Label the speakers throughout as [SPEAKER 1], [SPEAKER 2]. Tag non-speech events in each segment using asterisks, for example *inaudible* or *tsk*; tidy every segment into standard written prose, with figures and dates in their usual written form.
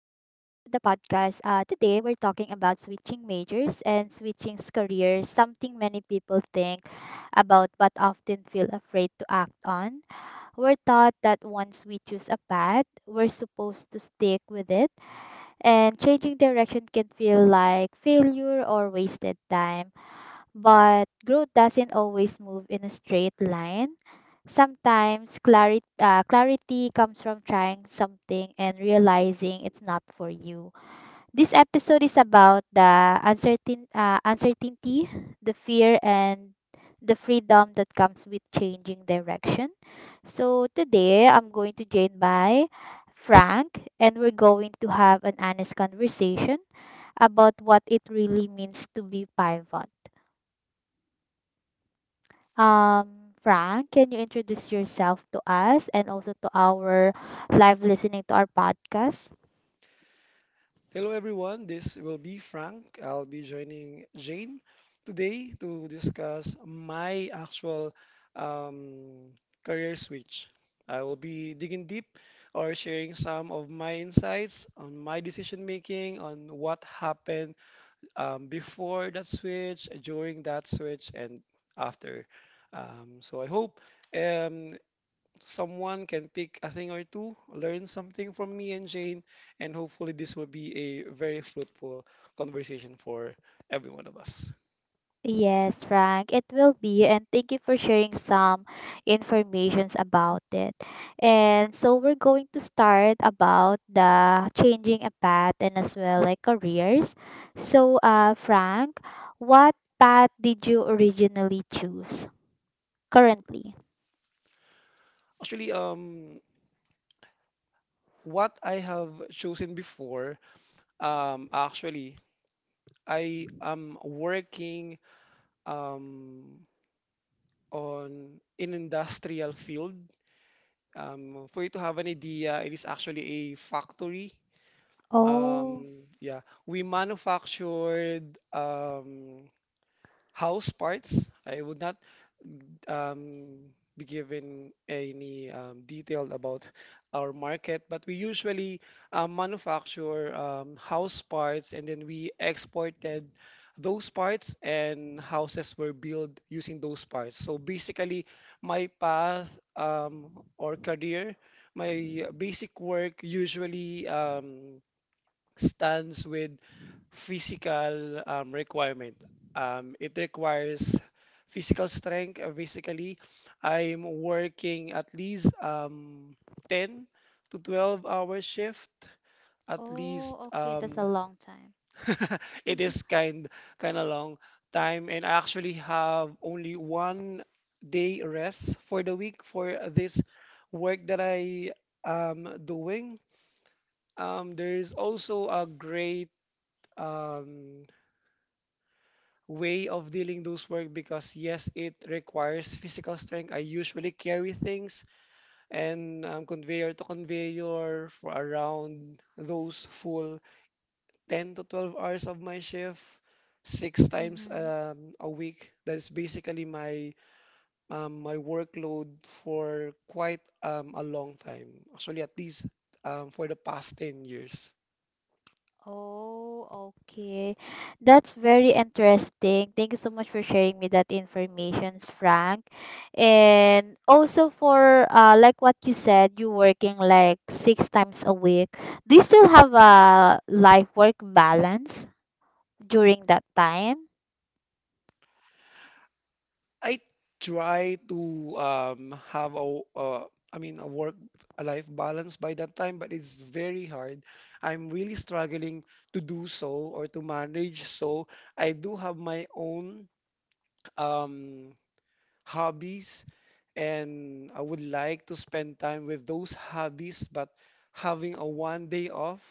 [SPEAKER 1] podcast. Today, we're talking about switching majors and switching careers, something many people think about but often feel afraid to act on. We're taught that once we choose a path, we're supposed to stick with it, and changing direction can feel like failure or wasted time. But growth doesn't always move in a straight line. Sometimes clarity comes from trying something and realizing it's not for you. This episode is about the uncertainty, the fear, and the freedom that comes with changing direction. So today, I'm going to join by Frank, and we're going to have an honest conversation about what it really means to be pivot. Frank, can you introduce yourself to us and also to our live listening to our podcast?
[SPEAKER 2] Hello everyone, this will be Frank. I'll be joining Jane today to discuss my actual um, career switch. I will be digging deep or sharing some of my insights on my decision making, on what happened before that switch, during that switch, and after. So I hope um, someone can pick a thing or two, learn something from me and Jane, and hopefully this will be a very fruitful conversation for every one of us.
[SPEAKER 1] Yes, Frank, it will be, and thank you for sharing some informations about it. And so we're going to start about the changing a path and as well like careers. So, Frank, what path did you originally choose currently?
[SPEAKER 2] Actually, um, what I have chosen before, um, actually, I am working um, on an industrial field. For you to have an idea, it is actually a factory.
[SPEAKER 1] Oh,
[SPEAKER 2] Yeah, we manufactured house parts. I would not um, be given any detail about our market, but we usually manufacture house parts and then we exported those parts and houses were built using those parts. So basically, my path or career, my basic work usually stands with physical requirement. It requires physical strength. Basically, I'm working at least 10 to 12 hour shift. At least.
[SPEAKER 1] oh, okay, that's a long time.
[SPEAKER 2] *laughs* It is kind of long time, and I actually have only 1 day rest for the week for this work that I am doing. There is also a great um, way of dealing those work because yes, it requires physical strength. I usually carry things and conveyor to conveyor for around those full 10 to 12 hours of my shift, six times
[SPEAKER 1] Mm-hmm.
[SPEAKER 2] a week. That is basically my workload for quite a long time. Actually, at least for the past 10 years.
[SPEAKER 1] Oh, okay. That's very interesting. Thank you so much for sharing me that information, Frank. And also for like what you said, you working like six times a week. Do you still have a life work balance during that time?
[SPEAKER 2] I try to have a work a life balance by that time, but it's very hard. I'm really struggling to do so or to manage. So I do have my own um, hobbies and I would like to spend time with those hobbies, but having a 1 day off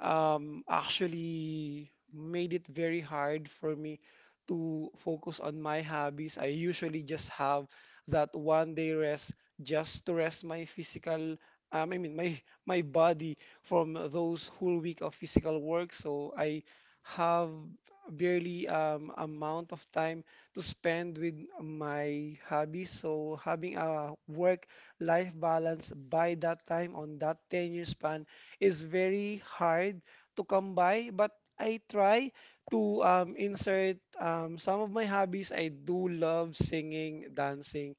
[SPEAKER 2] actually made it very hard for me to focus on my hobbies. I usually just have that 1 day rest just to rest my physical, I mean my my body from those whole week of physical work. So I have barely amount of time to spend with my hobbies. So having a work-life balance by that time on that 10-year span is very hard to come by, but I try to insert some of my hobbies. I do love singing, dancing,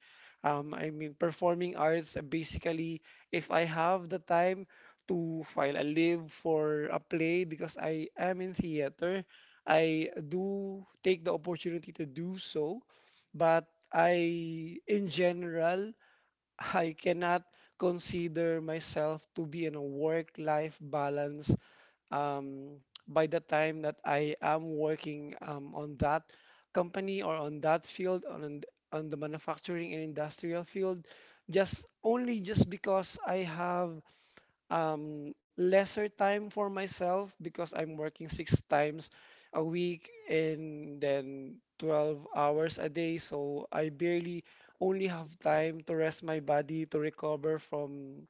[SPEAKER 2] performing arts. Basically, if I have the time to file a leave for a play because I am in theater, I do take the opportunity to do so, but I, in general, *laughs* I cannot consider myself to be in a work-life balance um, by the time that I am working on that company or on that field, on the manufacturing and industrial field, just only just because I have lesser time for myself because I'm working six times a week and then 12 hours a day. So I barely only have time to rest my body to recover from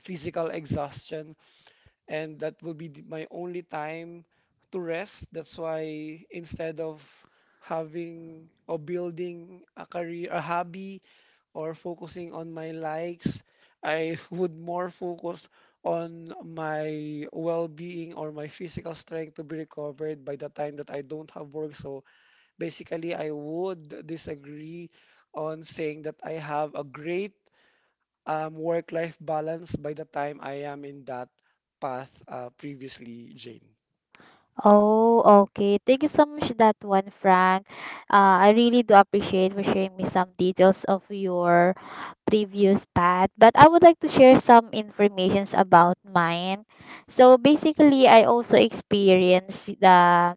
[SPEAKER 2] physical exhaustion. And that will be my only time to rest. That's why instead of having or building a career, a hobby, or focusing on my likes. I *laughs* would more focus on my well-being or my physical strength to be recovered by the time that I don't have work. So basically, I would disagree on saying that I have a great work-life balance by the time I am in that path previously, Jane.
[SPEAKER 1] Oh, okay. Thank you so much that one, Frank. I really do appreciate for sharing me some details of your previous path. But I would like to share some informations about mine. So basically, I also experienced the,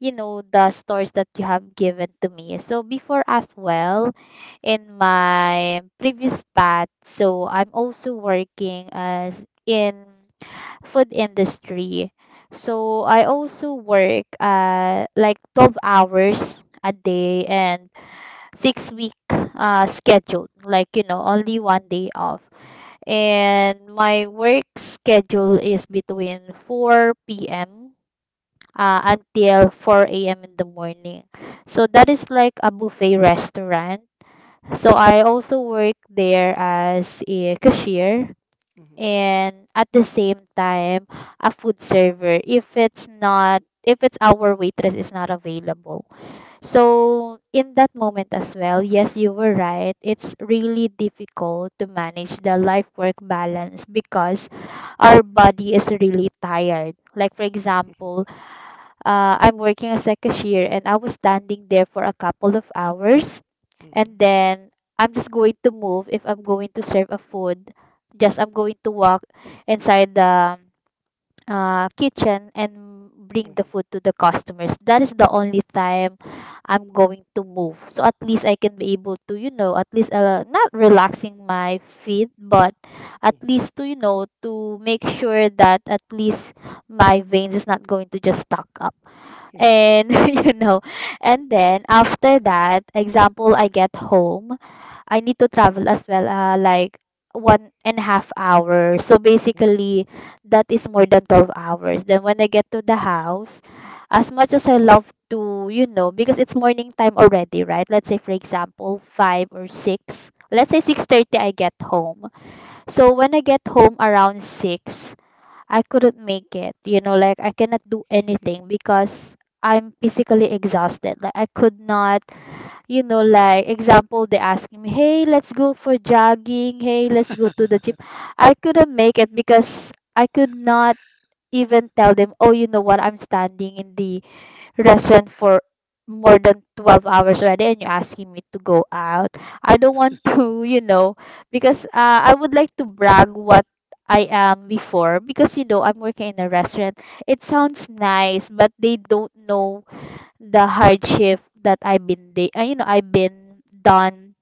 [SPEAKER 1] you know, the stores that you have given to me. So before as well, in my previous path, so I'm also working as in food industry. So I also work like 12 hours a day and six week schedule, like, only one day off. And my work schedule is between 4 p.m. Until 4 a.m. in the morning. So that is like a buffet restaurant. So I also work there as a cashier
[SPEAKER 2] Mhm.
[SPEAKER 1] and at the same time a food server if it's our waitress is not available. So in that moment as well, yes, you were right, it's really difficult to manage the life work balance because our body is really tired. Like, for example, I'm working as a cashier and I was standing there for a couple of hours,
[SPEAKER 2] Mhm,
[SPEAKER 1] and then I'm just going to move if I'm going to serve a food. Just I'm going to walk inside the kitchen and bring the
[SPEAKER 2] mhm,
[SPEAKER 1] food to the customers. That is the only time I'm going to move. So at least I can be able to, at least not relaxing my feet, but at
[SPEAKER 2] mhm.
[SPEAKER 1] least to, to make sure that at least my veins is not going to just stuck up.
[SPEAKER 2] *laughs*
[SPEAKER 1] And *laughs* you know, and then after that, example, I get home. I need to travel as well, like one and a half hour. So
[SPEAKER 2] Mhm.
[SPEAKER 1] basically, that is more than 12 hours. Then when I get to the house, as much as I love to, you know, because it's morning time already, right? Let's say, for example, 5 or 6. Let's say 6:30, I get home. So when I get home around 6, I couldn't make it. You know, like I cannot do anything because I'm physically exhausted. Like I could not,
[SPEAKER 2] Yeah.
[SPEAKER 1] like example, they ask me, "Hey, let's go for jogging. Hey, let's go to the gym."
[SPEAKER 2] *laughs*
[SPEAKER 1] I couldn't make it because I could not even tell them, "Oh, you know what? I'm standing in the restaurant for more than 12 hours already, and you're asking me to go out." I don't want *laughs* to, because I
[SPEAKER 2] Mhm.
[SPEAKER 1] would like to brag what I am before, because you know I'm working in a restaurant. It sounds nice, but they don't know the hardship that I've been I've been done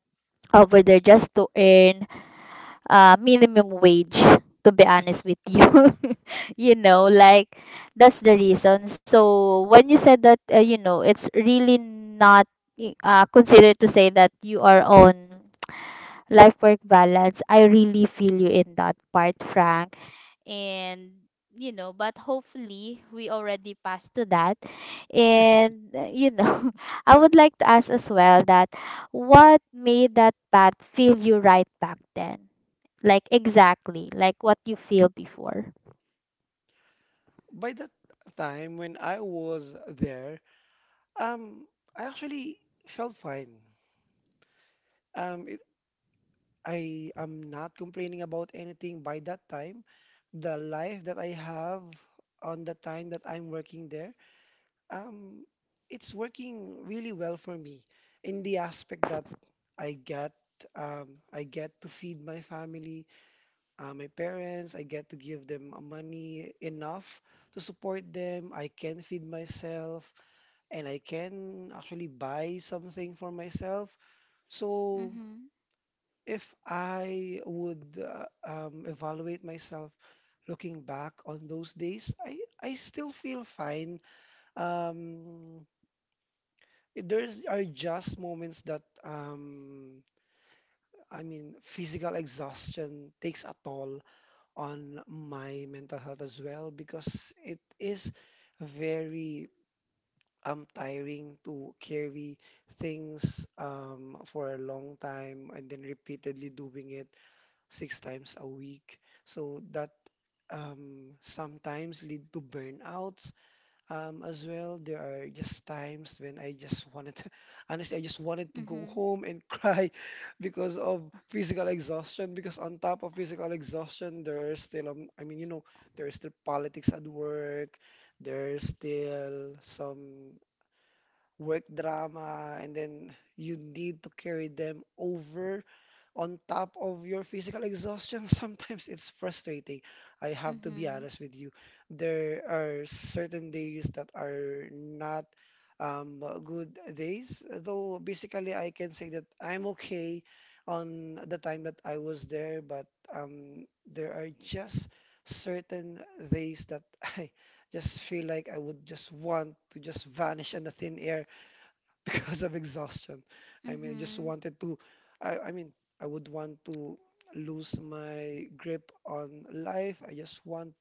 [SPEAKER 1] over there just to earn minimum wage, to be honest with you. *laughs* Like that's the reason. So when you said that it's really not considered to say that you are on life work balance, I really feel you in that part, Frank. And you know, but hopefully we already passed to that. And *laughs* I would like to ask as well that what made that path feel you right back then, like exactly like what you feel before.
[SPEAKER 2] By that time when I was there, um, I actually felt fine. Um, it, I am not complaining about anything by that time. The life that I have on the time that I'm working there, um, it's working really well for me in the aspect that I get, I get to feed my family. Uh, my parents. I get to give them money enough to support them. I can feed myself and I can actually buy something for myself. So
[SPEAKER 1] Mm-hmm.
[SPEAKER 2] if I would evaluate myself looking back on those days, I still feel fine. Um, there's are just moments that physical exhaustion takes a toll on my mental health as well because it is very tiring to carry things for a long time and then repeatedly doing it six times a week. So that sometimes lead to burnout, as well, there are just times when I just wanted to, *laughs* honestly, I just wanted to go
[SPEAKER 1] Mm-hmm.
[SPEAKER 2] home and cry *laughs* because of physical exhaustion. Because on top of physical exhaustion, there's still, there's still politics at work, there's still some work drama, and then you need to carry them over on top of your physical exhaustion, *laughs* sometimes it's frustrating. I have to be
[SPEAKER 1] Mm-hmm.
[SPEAKER 2] honest with you. There are certain days that are not good days, though basically I can say that I'm okay on the time that I was there, but there are just certain days that *laughs* I just feel like I would just want to just vanish in the thin air *laughs* because of exhaustion. I mean, I just
[SPEAKER 1] Mm-hmm.
[SPEAKER 2] wanted to, I mean, I would want to lose my grip on life. I just want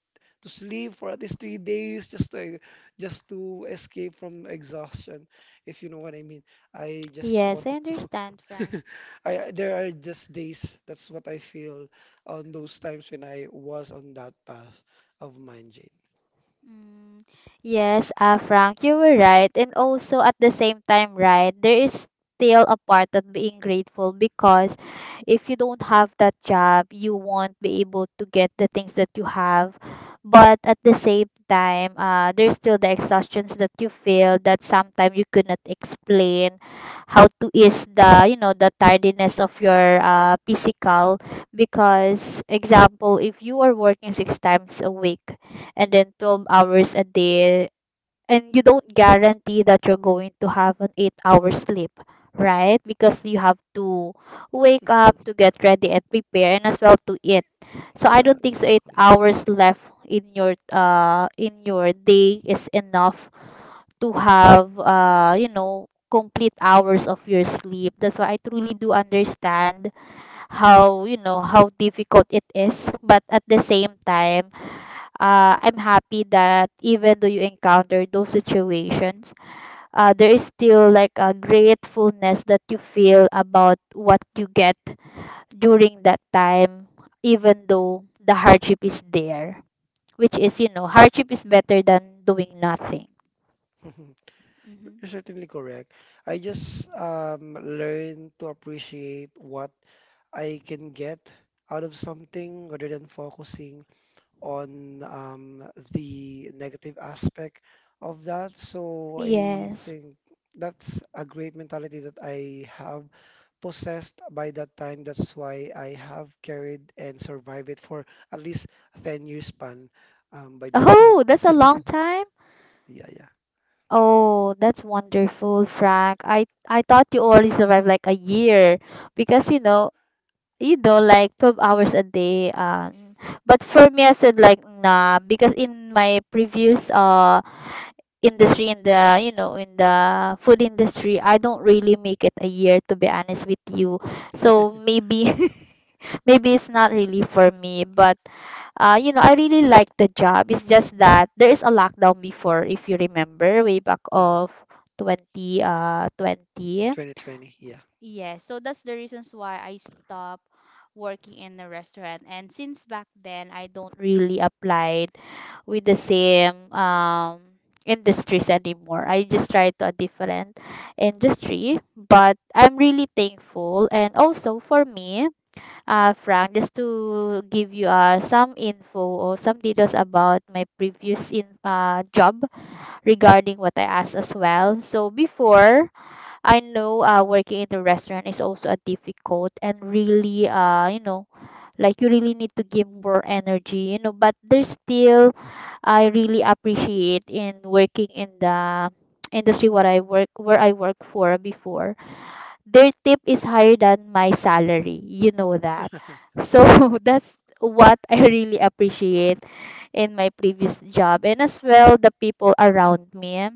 [SPEAKER 2] to sleep for at least 3 days just to escape from exhaustion, if you know what I mean. I just
[SPEAKER 1] Yes, I
[SPEAKER 2] wanted to.
[SPEAKER 1] understand, Frank.
[SPEAKER 2] *laughs* I there are just days. That's what I feel on those times when I was on that path of mine, Jane.
[SPEAKER 1] Mm. Yes, Frank, you were right. And also at the same time, right, there is still a part of being grateful because if you don't have that job, you won't be able to get the things that you have. But at the same time, there's still the exhaustions that you feel that sometimes you could not explain how to ease the tiredness of your physical. Because example, if you are working six times a week, and then 12 hours a day, and you don't guarantee that you're going to have an 8-hour sleep, right? Because you have to wake up to get ready and prepare and as well to eat, so I
[SPEAKER 2] Yeah,
[SPEAKER 1] don't think so 8
[SPEAKER 2] exactly.
[SPEAKER 1] hours left in your day is enough to have complete hours of your sleep. That's why I truly do understand how you know how difficult it is. But at the same time, I'm happy that even though you encounter those situations, there is still like a gratefulness that you feel about what you get during that time, even though the hardship is there, which is, you know, hardship is better than doing nothing.
[SPEAKER 2] *laughs*
[SPEAKER 1] Hmm.
[SPEAKER 2] You're certainly correct. I just learn to appreciate what I can get out of something rather than focusing on the negative aspect of that. So I
[SPEAKER 1] Yes.
[SPEAKER 2] think that's a great mentality that I have possessed by that time. That's why I have carried and survived it for at least a 10 years span by that time.
[SPEAKER 1] Oh, that's a long time.
[SPEAKER 2] Yeah, yeah.
[SPEAKER 1] Oh, that's wonderful, Frank. I thought you already survived like a year because like 12 hours a day, but for me I said like nah, because in my previous industry, in the food industry, I don't really make it a year, to be honest with you. So maybe *laughs* maybe it's not really for me, but I really like the job. It's just that there is a lockdown before, if you remember way back
[SPEAKER 2] Hmm.
[SPEAKER 1] of 20 uh 20.
[SPEAKER 2] 2020. Yeah.
[SPEAKER 1] Yes, so that's the reasons why I stopped working in a restaurant. And since back then, I don't really applied with the same industries anymore. I just tried to a different industry, but I'm really thankful. And also for me, Frank, just to give you some info or some details about my previous in job regarding what I asked as well. So before I know working in the restaurant is also a difficult and really like you really need to give more energy, but there's still I really appreciate in working in the *tsk* industry, what I work where I work for before, their tip is higher than my salary, you know that. So
[SPEAKER 2] Wow.
[SPEAKER 1] *laughs* that's what I really appreciate in my previous job, and as well the people around me,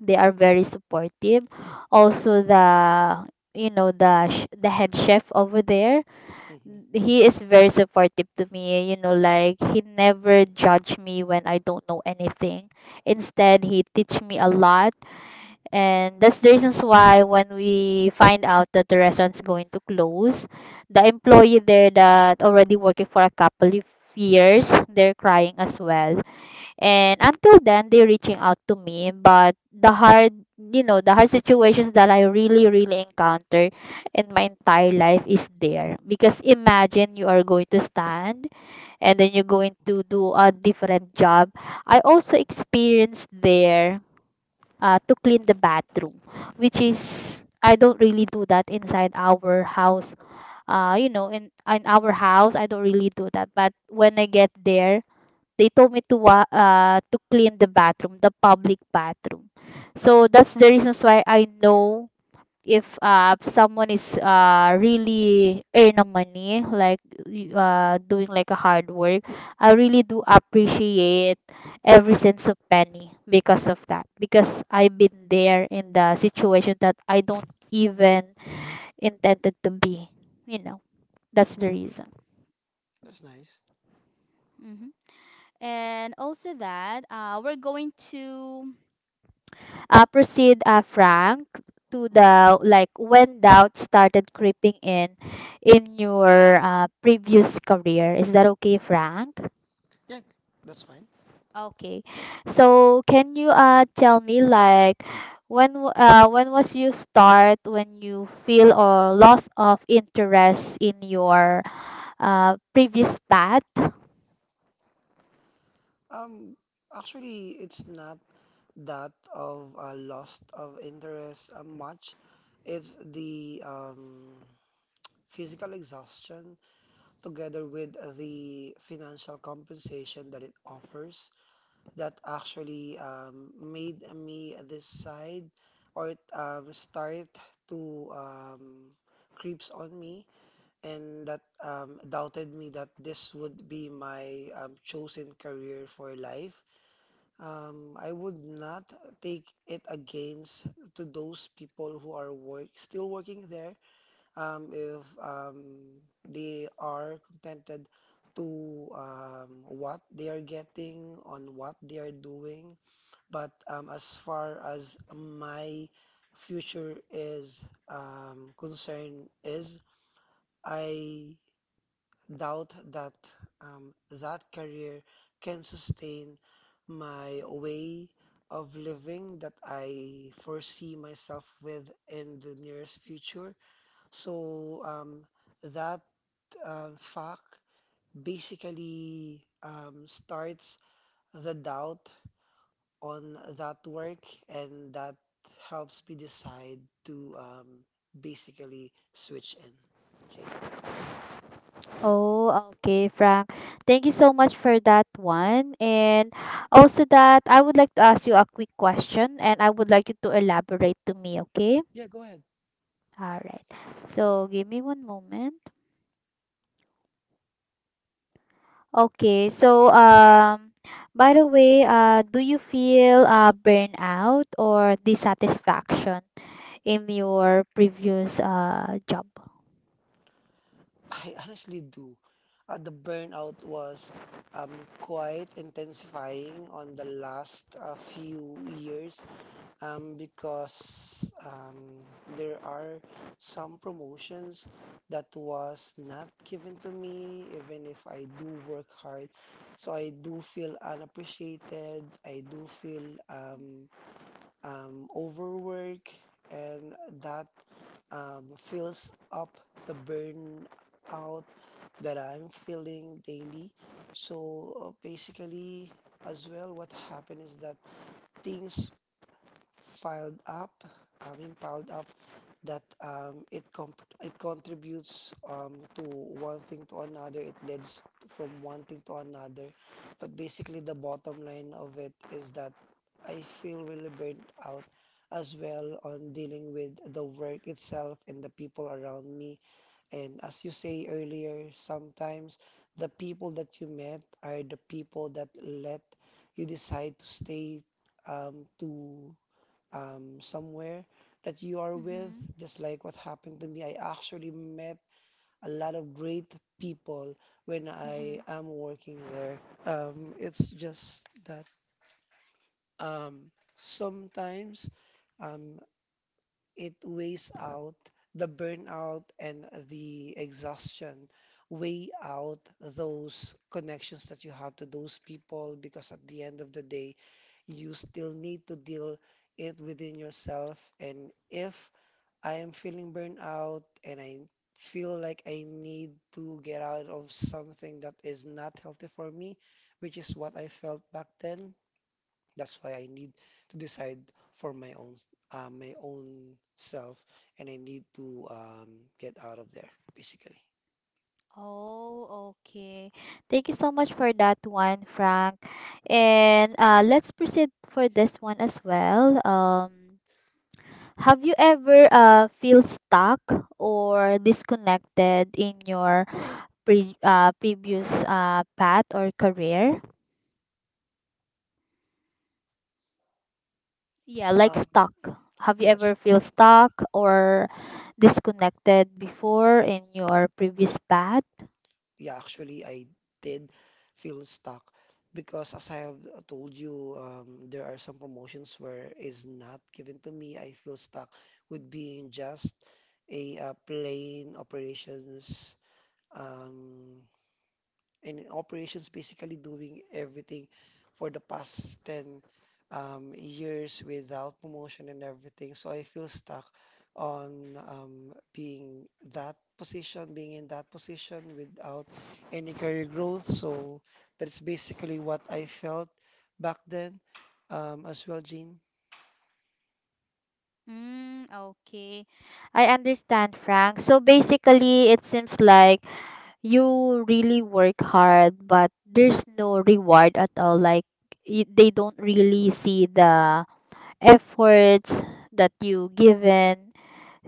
[SPEAKER 1] they are very supportive. Also the you know the sh- the head chef over there,
[SPEAKER 2] Mm-hmm.
[SPEAKER 1] he is very supportive to me, like he never judge me when I don't know anything. Instead, he teach me a lot. And that's the reasons why when we find out that the restaurant's going to close, the employee there that already working for a couple of years, they're crying as well. And until then, they're reaching out to me. But the hard situations that I really really encounter in my entire life is there, because imagine you are going to stand and then you're going to do a different job. I also experienced there to clean the bathroom, which is I don't really do that inside our house. In our house, I don't really do that. But when I get there, they told me to to clean the bathroom, the public bathroom. So that's the reasons why I know if someone is really earning money, like doing like a hard work, I really do appreciate every sense of penny because of that. Because I've been there in the situation that I don't even intended to be. You know, that's the
[SPEAKER 2] Mm,
[SPEAKER 1] reason.
[SPEAKER 2] that's nice.
[SPEAKER 1] Hmm. And also that we're going to proceed, Frank, to
[SPEAKER 2] Hmm.
[SPEAKER 1] the like when doubt started creeping in your previous career. Is that okay, Frank?
[SPEAKER 2] Yeah, that's fine.
[SPEAKER 1] Okay. So can you tell me like when was you start when you feel or loss of interest in your previous path?
[SPEAKER 2] Um, Actually, it's not that of a loss of interest much. It's the physical exhaustion together with the financial compensation that it offers that actually made me decide or it start to creeps on me and that doubted me that this would be my chosen career for life, I would not take it against to those people who are work still working there. If they are contented to what they are getting on what they are doing, but as far as my future is concerned, is I doubt that that career can sustain my way of living that I foresee myself with in the nearest future. So that fact basically starts the doubt on that work, and that helps me decide to basically switch in. Okay.
[SPEAKER 1] Oh, okay, Frank. Thank you so much for that one. And also that I would like to ask you a quick question and I would like you to elaborate to me, okay?
[SPEAKER 2] Yeah, go ahead.
[SPEAKER 1] All right. So give me one moment. Okay. By the way, do you feel burnout or dissatisfaction in your previous job?
[SPEAKER 2] I honestly do. The burnout was um, quite intensifying on the last few years because there are some promotions that was not given to me even if I do work hard. So I do feel unappreciated. I do feel overwork and that fills up the burnout that I'm feeling daily. So basically, as well, what happened is that things filed up, I mean, piled up that it contributes to one thing to another. It leads from one thing to another. But basically, the bottom line of it is that I feel really burnt out as well on dealing with the work itself and the people around me. And as you say earlier, sometimes the people that you met are the people that let you decide to stay to somewhere that you are with.
[SPEAKER 1] Mm-hmm.
[SPEAKER 2] Just like what happened to me, I actually met a lot of great people when
[SPEAKER 1] Mm-hmm.
[SPEAKER 2] I am working there. It's just that um, sometimes um, it weighs out the burnout and the exhaustion, weigh out those connections that you have to those people because at the end of the day, you still need to deal it within yourself. And if I am feeling burnout and I feel like I need to get out of something that is not healthy for me, which is what I felt back then, that's why I need to decide for my own self, and I need to get out of there, basically.
[SPEAKER 1] Oh, okay. Thank you so much for that one, Frank. And let's proceed for this one as well. Have you ever feel stuck or disconnected in your previous path or career? Yeah, like
[SPEAKER 2] Um,
[SPEAKER 1] stuck. Have you ever
[SPEAKER 2] yes,
[SPEAKER 1] feel stuck or disconnected before in your previous path?
[SPEAKER 2] yeah, actually, I did feel stuck because, as I have told you, there are some promotions where is not given to me. I feel stuck with being just a plain operations um, and in operations basically doing everything for the past 10 years without promotion and everything. So I feel stuck on being in that position without any career growth. So that's basically what I felt back then as well, Jean.
[SPEAKER 1] Mm, okay. I understand, Frank. So basically, it seems like you really work hard, but there's no reward at all. Like they don't really see the efforts that you given.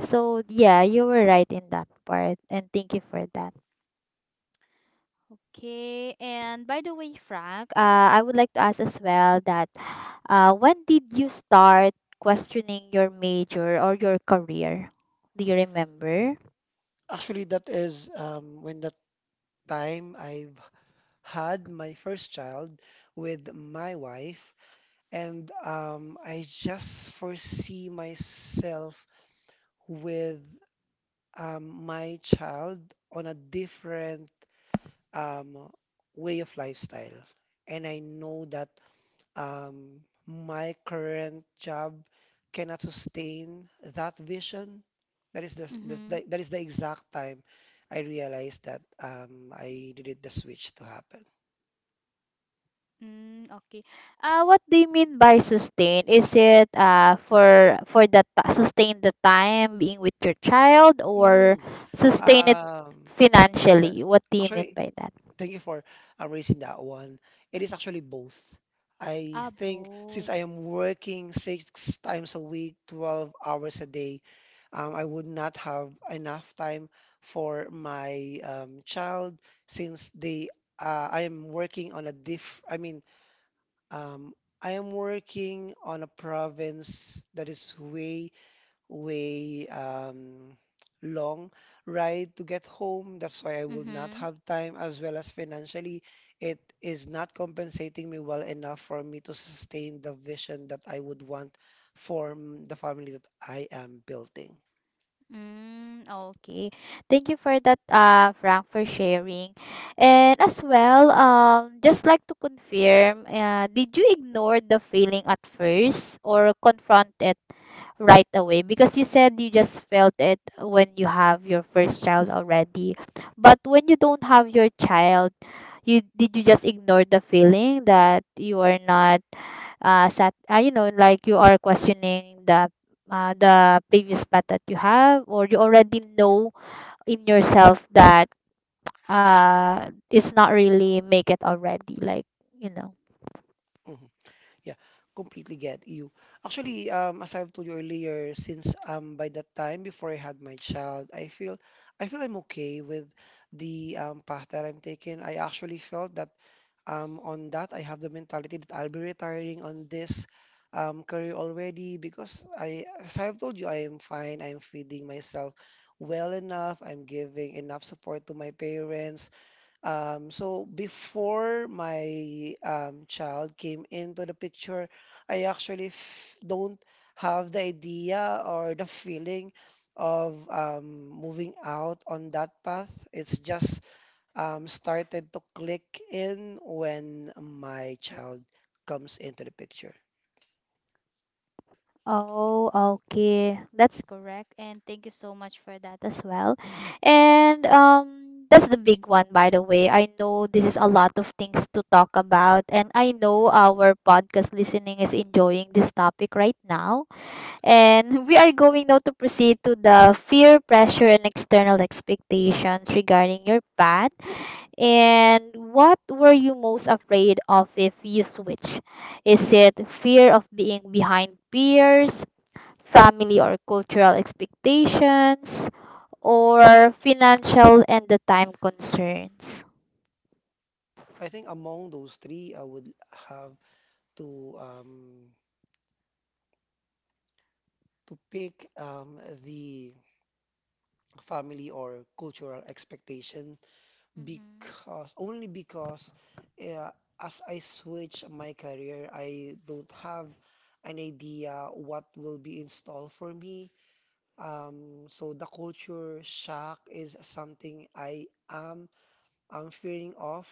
[SPEAKER 1] So yeah, you were right in that part, and thank you for that. Okay, and by the way, Frank, I would like to ask as well that when did you start questioning your major or your career? Do you remember?
[SPEAKER 2] Actually, that is when that time I've had my first child with my wife. And I just foresee myself with my child on a different um, way of lifestyle. And I know that my current job cannot sustain that vision. That is the, the,
[SPEAKER 1] Mm-hmm.
[SPEAKER 2] the- that is the exact time I realized that I needed the switch to happen.
[SPEAKER 1] Mm, okay. What do you mean by sustain? Is it for the sustain the time being with your child or
[SPEAKER 2] Mm,
[SPEAKER 1] sustain it
[SPEAKER 2] um, you know,
[SPEAKER 1] financially? What do you mean
[SPEAKER 2] actually,
[SPEAKER 1] by that?
[SPEAKER 2] Thank you for raising that one. It is actually both. I
[SPEAKER 1] Ah,
[SPEAKER 2] think since
[SPEAKER 1] both.
[SPEAKER 2] I am working 6 times a week, 12 hours a day, I would not have enough time for my child since they I am working on a diff I mean um, I am working on a province that is way way long ride to get home. That's why I will not
[SPEAKER 1] Mm-hmm.
[SPEAKER 2] have time, as well as financially, it is not compensating me well enough for me to sustain the vision that I would want for the family that I am building.
[SPEAKER 1] Mm, okay. Thank you for that, Frank, for sharing. And as well, just like to confirm, did you ignore the feeling at first or confront it right away? Because you said you just felt it when you have your first child already. But when you don't have your child, you did you just ignore the feeling that you are not sat, you know like you are questioning the previous path that you have or you already know in yourself that it's not really make it already like you know.
[SPEAKER 2] Mm-hmm. Yeah, completely get you. Actually, as I've told you earlier, since by that time before I had my child, I feel I'm okay with the path that I'm taking. I actually felt that on that. I have the mentality that I'll be retiring on this career already because I, as I've told you, I am fine. I'm feeding myself well enough. I'm giving enough support to my parents. So before my child came into the picture, I actually f don't have the idea or the feeling of moving out on that path. It's just started to click in when my child comes into the picture.
[SPEAKER 1] Oh, okay. That's correct. And thank you so much for that as well. And that's the big one by the way. I know this is a lot of things to talk about and I know our podcast listening is enjoying this topic right now.
[SPEAKER 2] Hmm.
[SPEAKER 1] And *laughs* we are going now to proceed to the fear, pressure, and external expectations regarding your path. And what were you most afraid of if you switch? Is it fear of being behind peers, family or cultural expectations, or financial and the time concerns?
[SPEAKER 2] I think among those three, I would have to um, to pick the family or cultural expectation.
[SPEAKER 1] Mhm.
[SPEAKER 2] Because uh, as I switch my career, I don't have an idea what will be installed for me. So the culture shock is something I am fearing of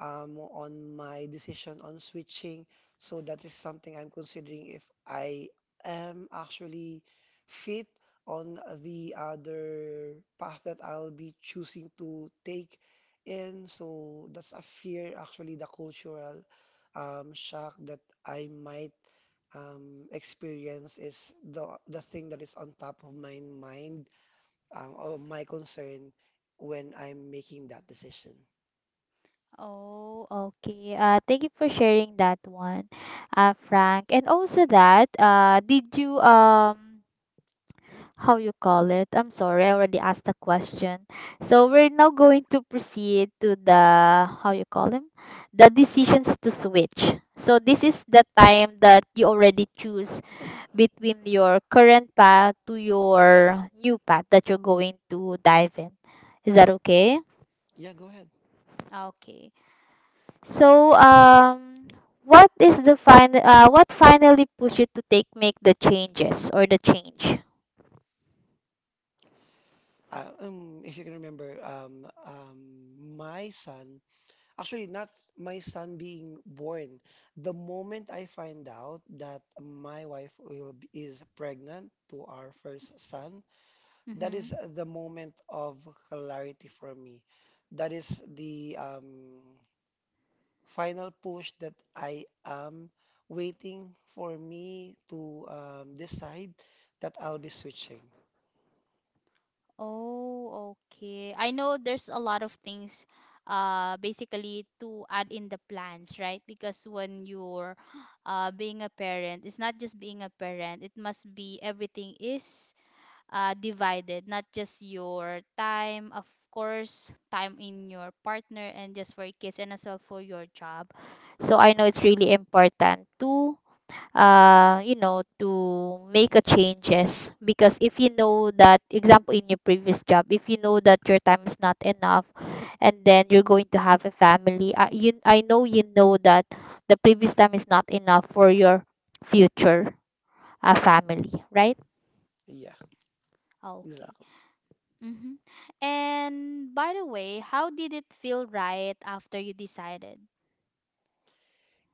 [SPEAKER 2] on my decision on switching. So that is something I'm considering if I am actually fit on the other path that I'll be choosing to take in. So that's a fear, actually, the cultural shock that I might experience is the thing that is on top of my mind or my concern when I'm making that decision.
[SPEAKER 1] Oh, okay. Thank you for sharing that one, Frank. And also that, did you how you call it. I'm sorry, I already asked the question. So we're now going to proceed to the how you call them, the decisions to switch. So this is the time that you already choose between your current path to your new path that you're going to dive in. Is that okay?
[SPEAKER 2] Yeah, go ahead.
[SPEAKER 1] Okay. So what is the final what finally pushed you to take make the changes or the change?
[SPEAKER 2] If you can remember, my son, actually, not my son being born, the moment I find out that my wife is pregnant to our first son, that
[SPEAKER 1] Mm-hmm.
[SPEAKER 2] is the moment of clarity for me. That is the final push that I am waiting for me to decide that I'll be switching.
[SPEAKER 1] Oh, okay. I know there's a lot of things basically to add in the plans, right? Because when you're *gasps* being a parent, it's not just being a parent, it must be everything is divided, not just your time, of course, time in your partner and just for your kids and as well for your job. So I know it's really important to you know, to make a changes. Because if you know that, example, in your previous job, if you know that your time is not enough, and then you're going to have a family, I know you know that the previous time is not enough for your future family, right?
[SPEAKER 2] Yeah,
[SPEAKER 1] Okay.
[SPEAKER 2] exactly.
[SPEAKER 1] Mm-hmm. And by the way, how did it feel right after you decided?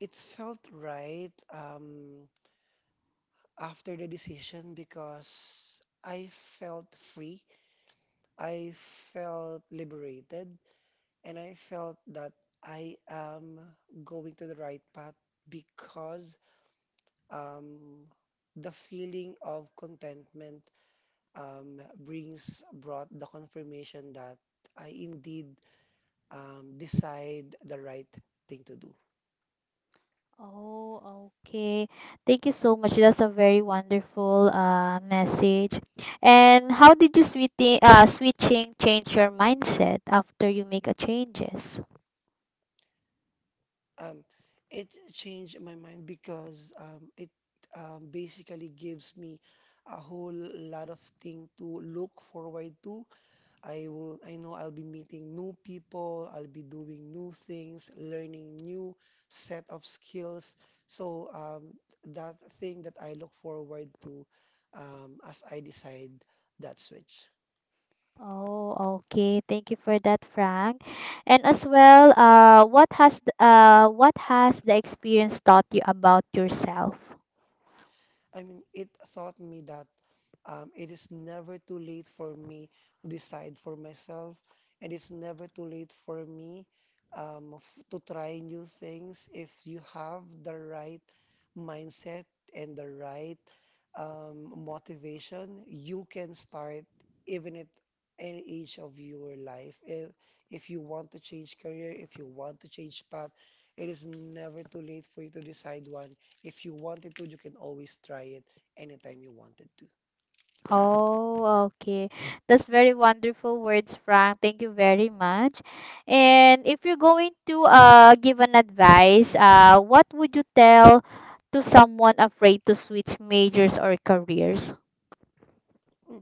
[SPEAKER 2] It felt right after the decision because I felt free, I felt liberated, and I felt that I am going to the right path because um, the feeling of contentment brings brought the confirmation that I indeed decide the right thing to do.
[SPEAKER 1] Oh, okay. Thank you so much. That's a very wonderful message. And how did you sweetie switching change your mindset after you make a changes?
[SPEAKER 2] Um, it changed my mind because it basically gives me a whole lot of thing to look forward to. I know I'll be meeting new people, I'll be doing new things, learning new set of skills. So that thing that I look forward to as I decide that switch.
[SPEAKER 1] Oh, okay. Thank you for that, Frank. And as well, what has the experience taught you about yourself?
[SPEAKER 2] I mean, it taught me that it is never too late for me to decide for myself, and it's never too late for me to try new things if you have the right mindset and the right motivation. You can start even at any age of your life. If you want to change career, if you want to change path, it is never too late for you to decide one. If you wanted to, you can always try it anytime you wanted to.
[SPEAKER 1] Oh, okay. That's very wonderful words, Frank. Thank you very much. And if you're going to give an advice, what would you tell to someone afraid to switch majors or careers?
[SPEAKER 2] Hmm.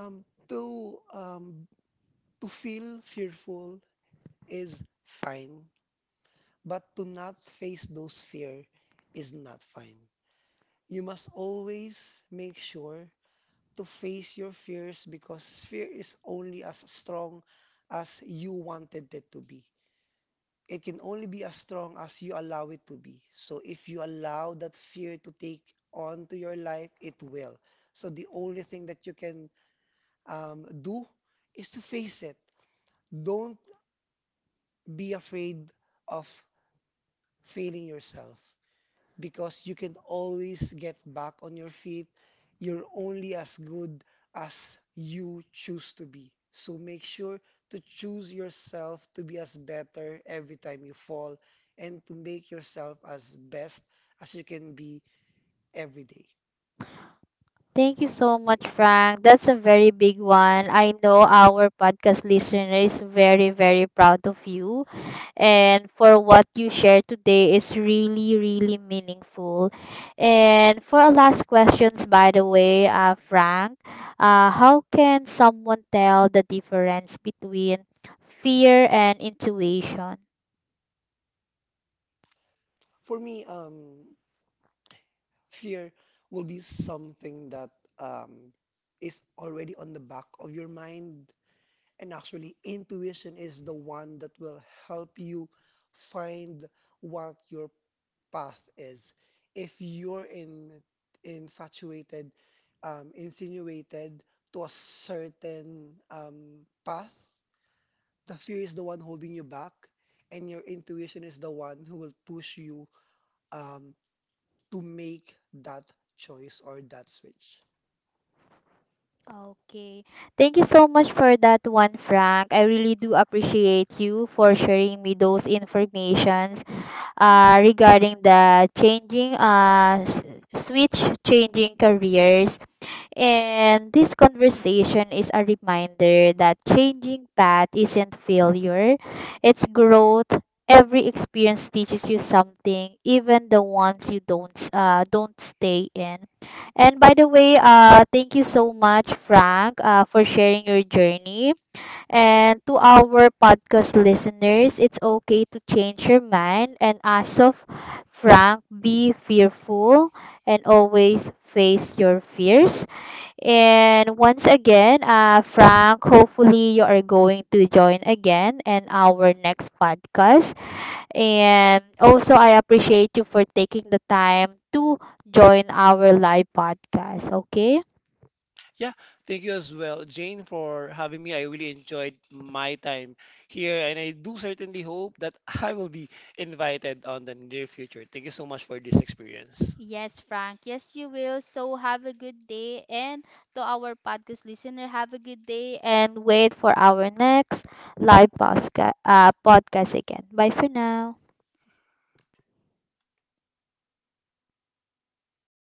[SPEAKER 2] Um, to um, to feel fearful is fine, but to not face those fear is not fine. You must always make sure to face your fears because fear is only as strong as you wanted it to be. It can only be as strong as you allow it to be. So if you allow that fear to take on to your life, it will. So the only thing that you can do is to face it. Don't be afraid of failing yourself because you can always get back on your feet. You're only as good as you choose to be. So make sure to choose yourself to be as better every time you fall and to make yourself as best as you can be every day.
[SPEAKER 1] Thank you so much, Frank. That's a very big one. I know our podcast listener is very, very proud of you. And for what you shared today is really, really meaningful. And for our last questions, by the way, Frank, how can someone tell the difference between fear and intuition?
[SPEAKER 2] For me, fear will be something that um, is already on the back of your mind And Actually, intuition is the one that will help you find what your path is. If you're infatuated, insinuated to a certain path, the fear is the one holding you back, and your intuition is the one who will push you um, to make that choice or that switch.
[SPEAKER 1] Okay. Thank you so much for that one, Frank. I really do appreciate you for sharing me those informations regarding the changing switch changing careers and this conversation is a reminder that changing path isn't failure, it's growth. Every experience teaches you something, even the ones you don't stay in. And by the way, thank you so much, Frank, for sharing your journey. And to our podcast listeners, it's okay to change your mind. And as of Frank, be fearful and always face your fears. And once again, Frank, hopefully you are going to join again in our next podcast. And also, I appreciate you for taking the time to join our live podcast. Okay?
[SPEAKER 2] Yeah, thank you as well, Jane, for having me. I really enjoyed my time here, and I do certainly hope that *laughs* I will be invited on the near future. Thank you so much for this experience.
[SPEAKER 1] Yes, Frank. Yes, you will. So have a good day. And to our podcast listener, have a good day. And wait for our next live podcast. Podcast again. Bye for now.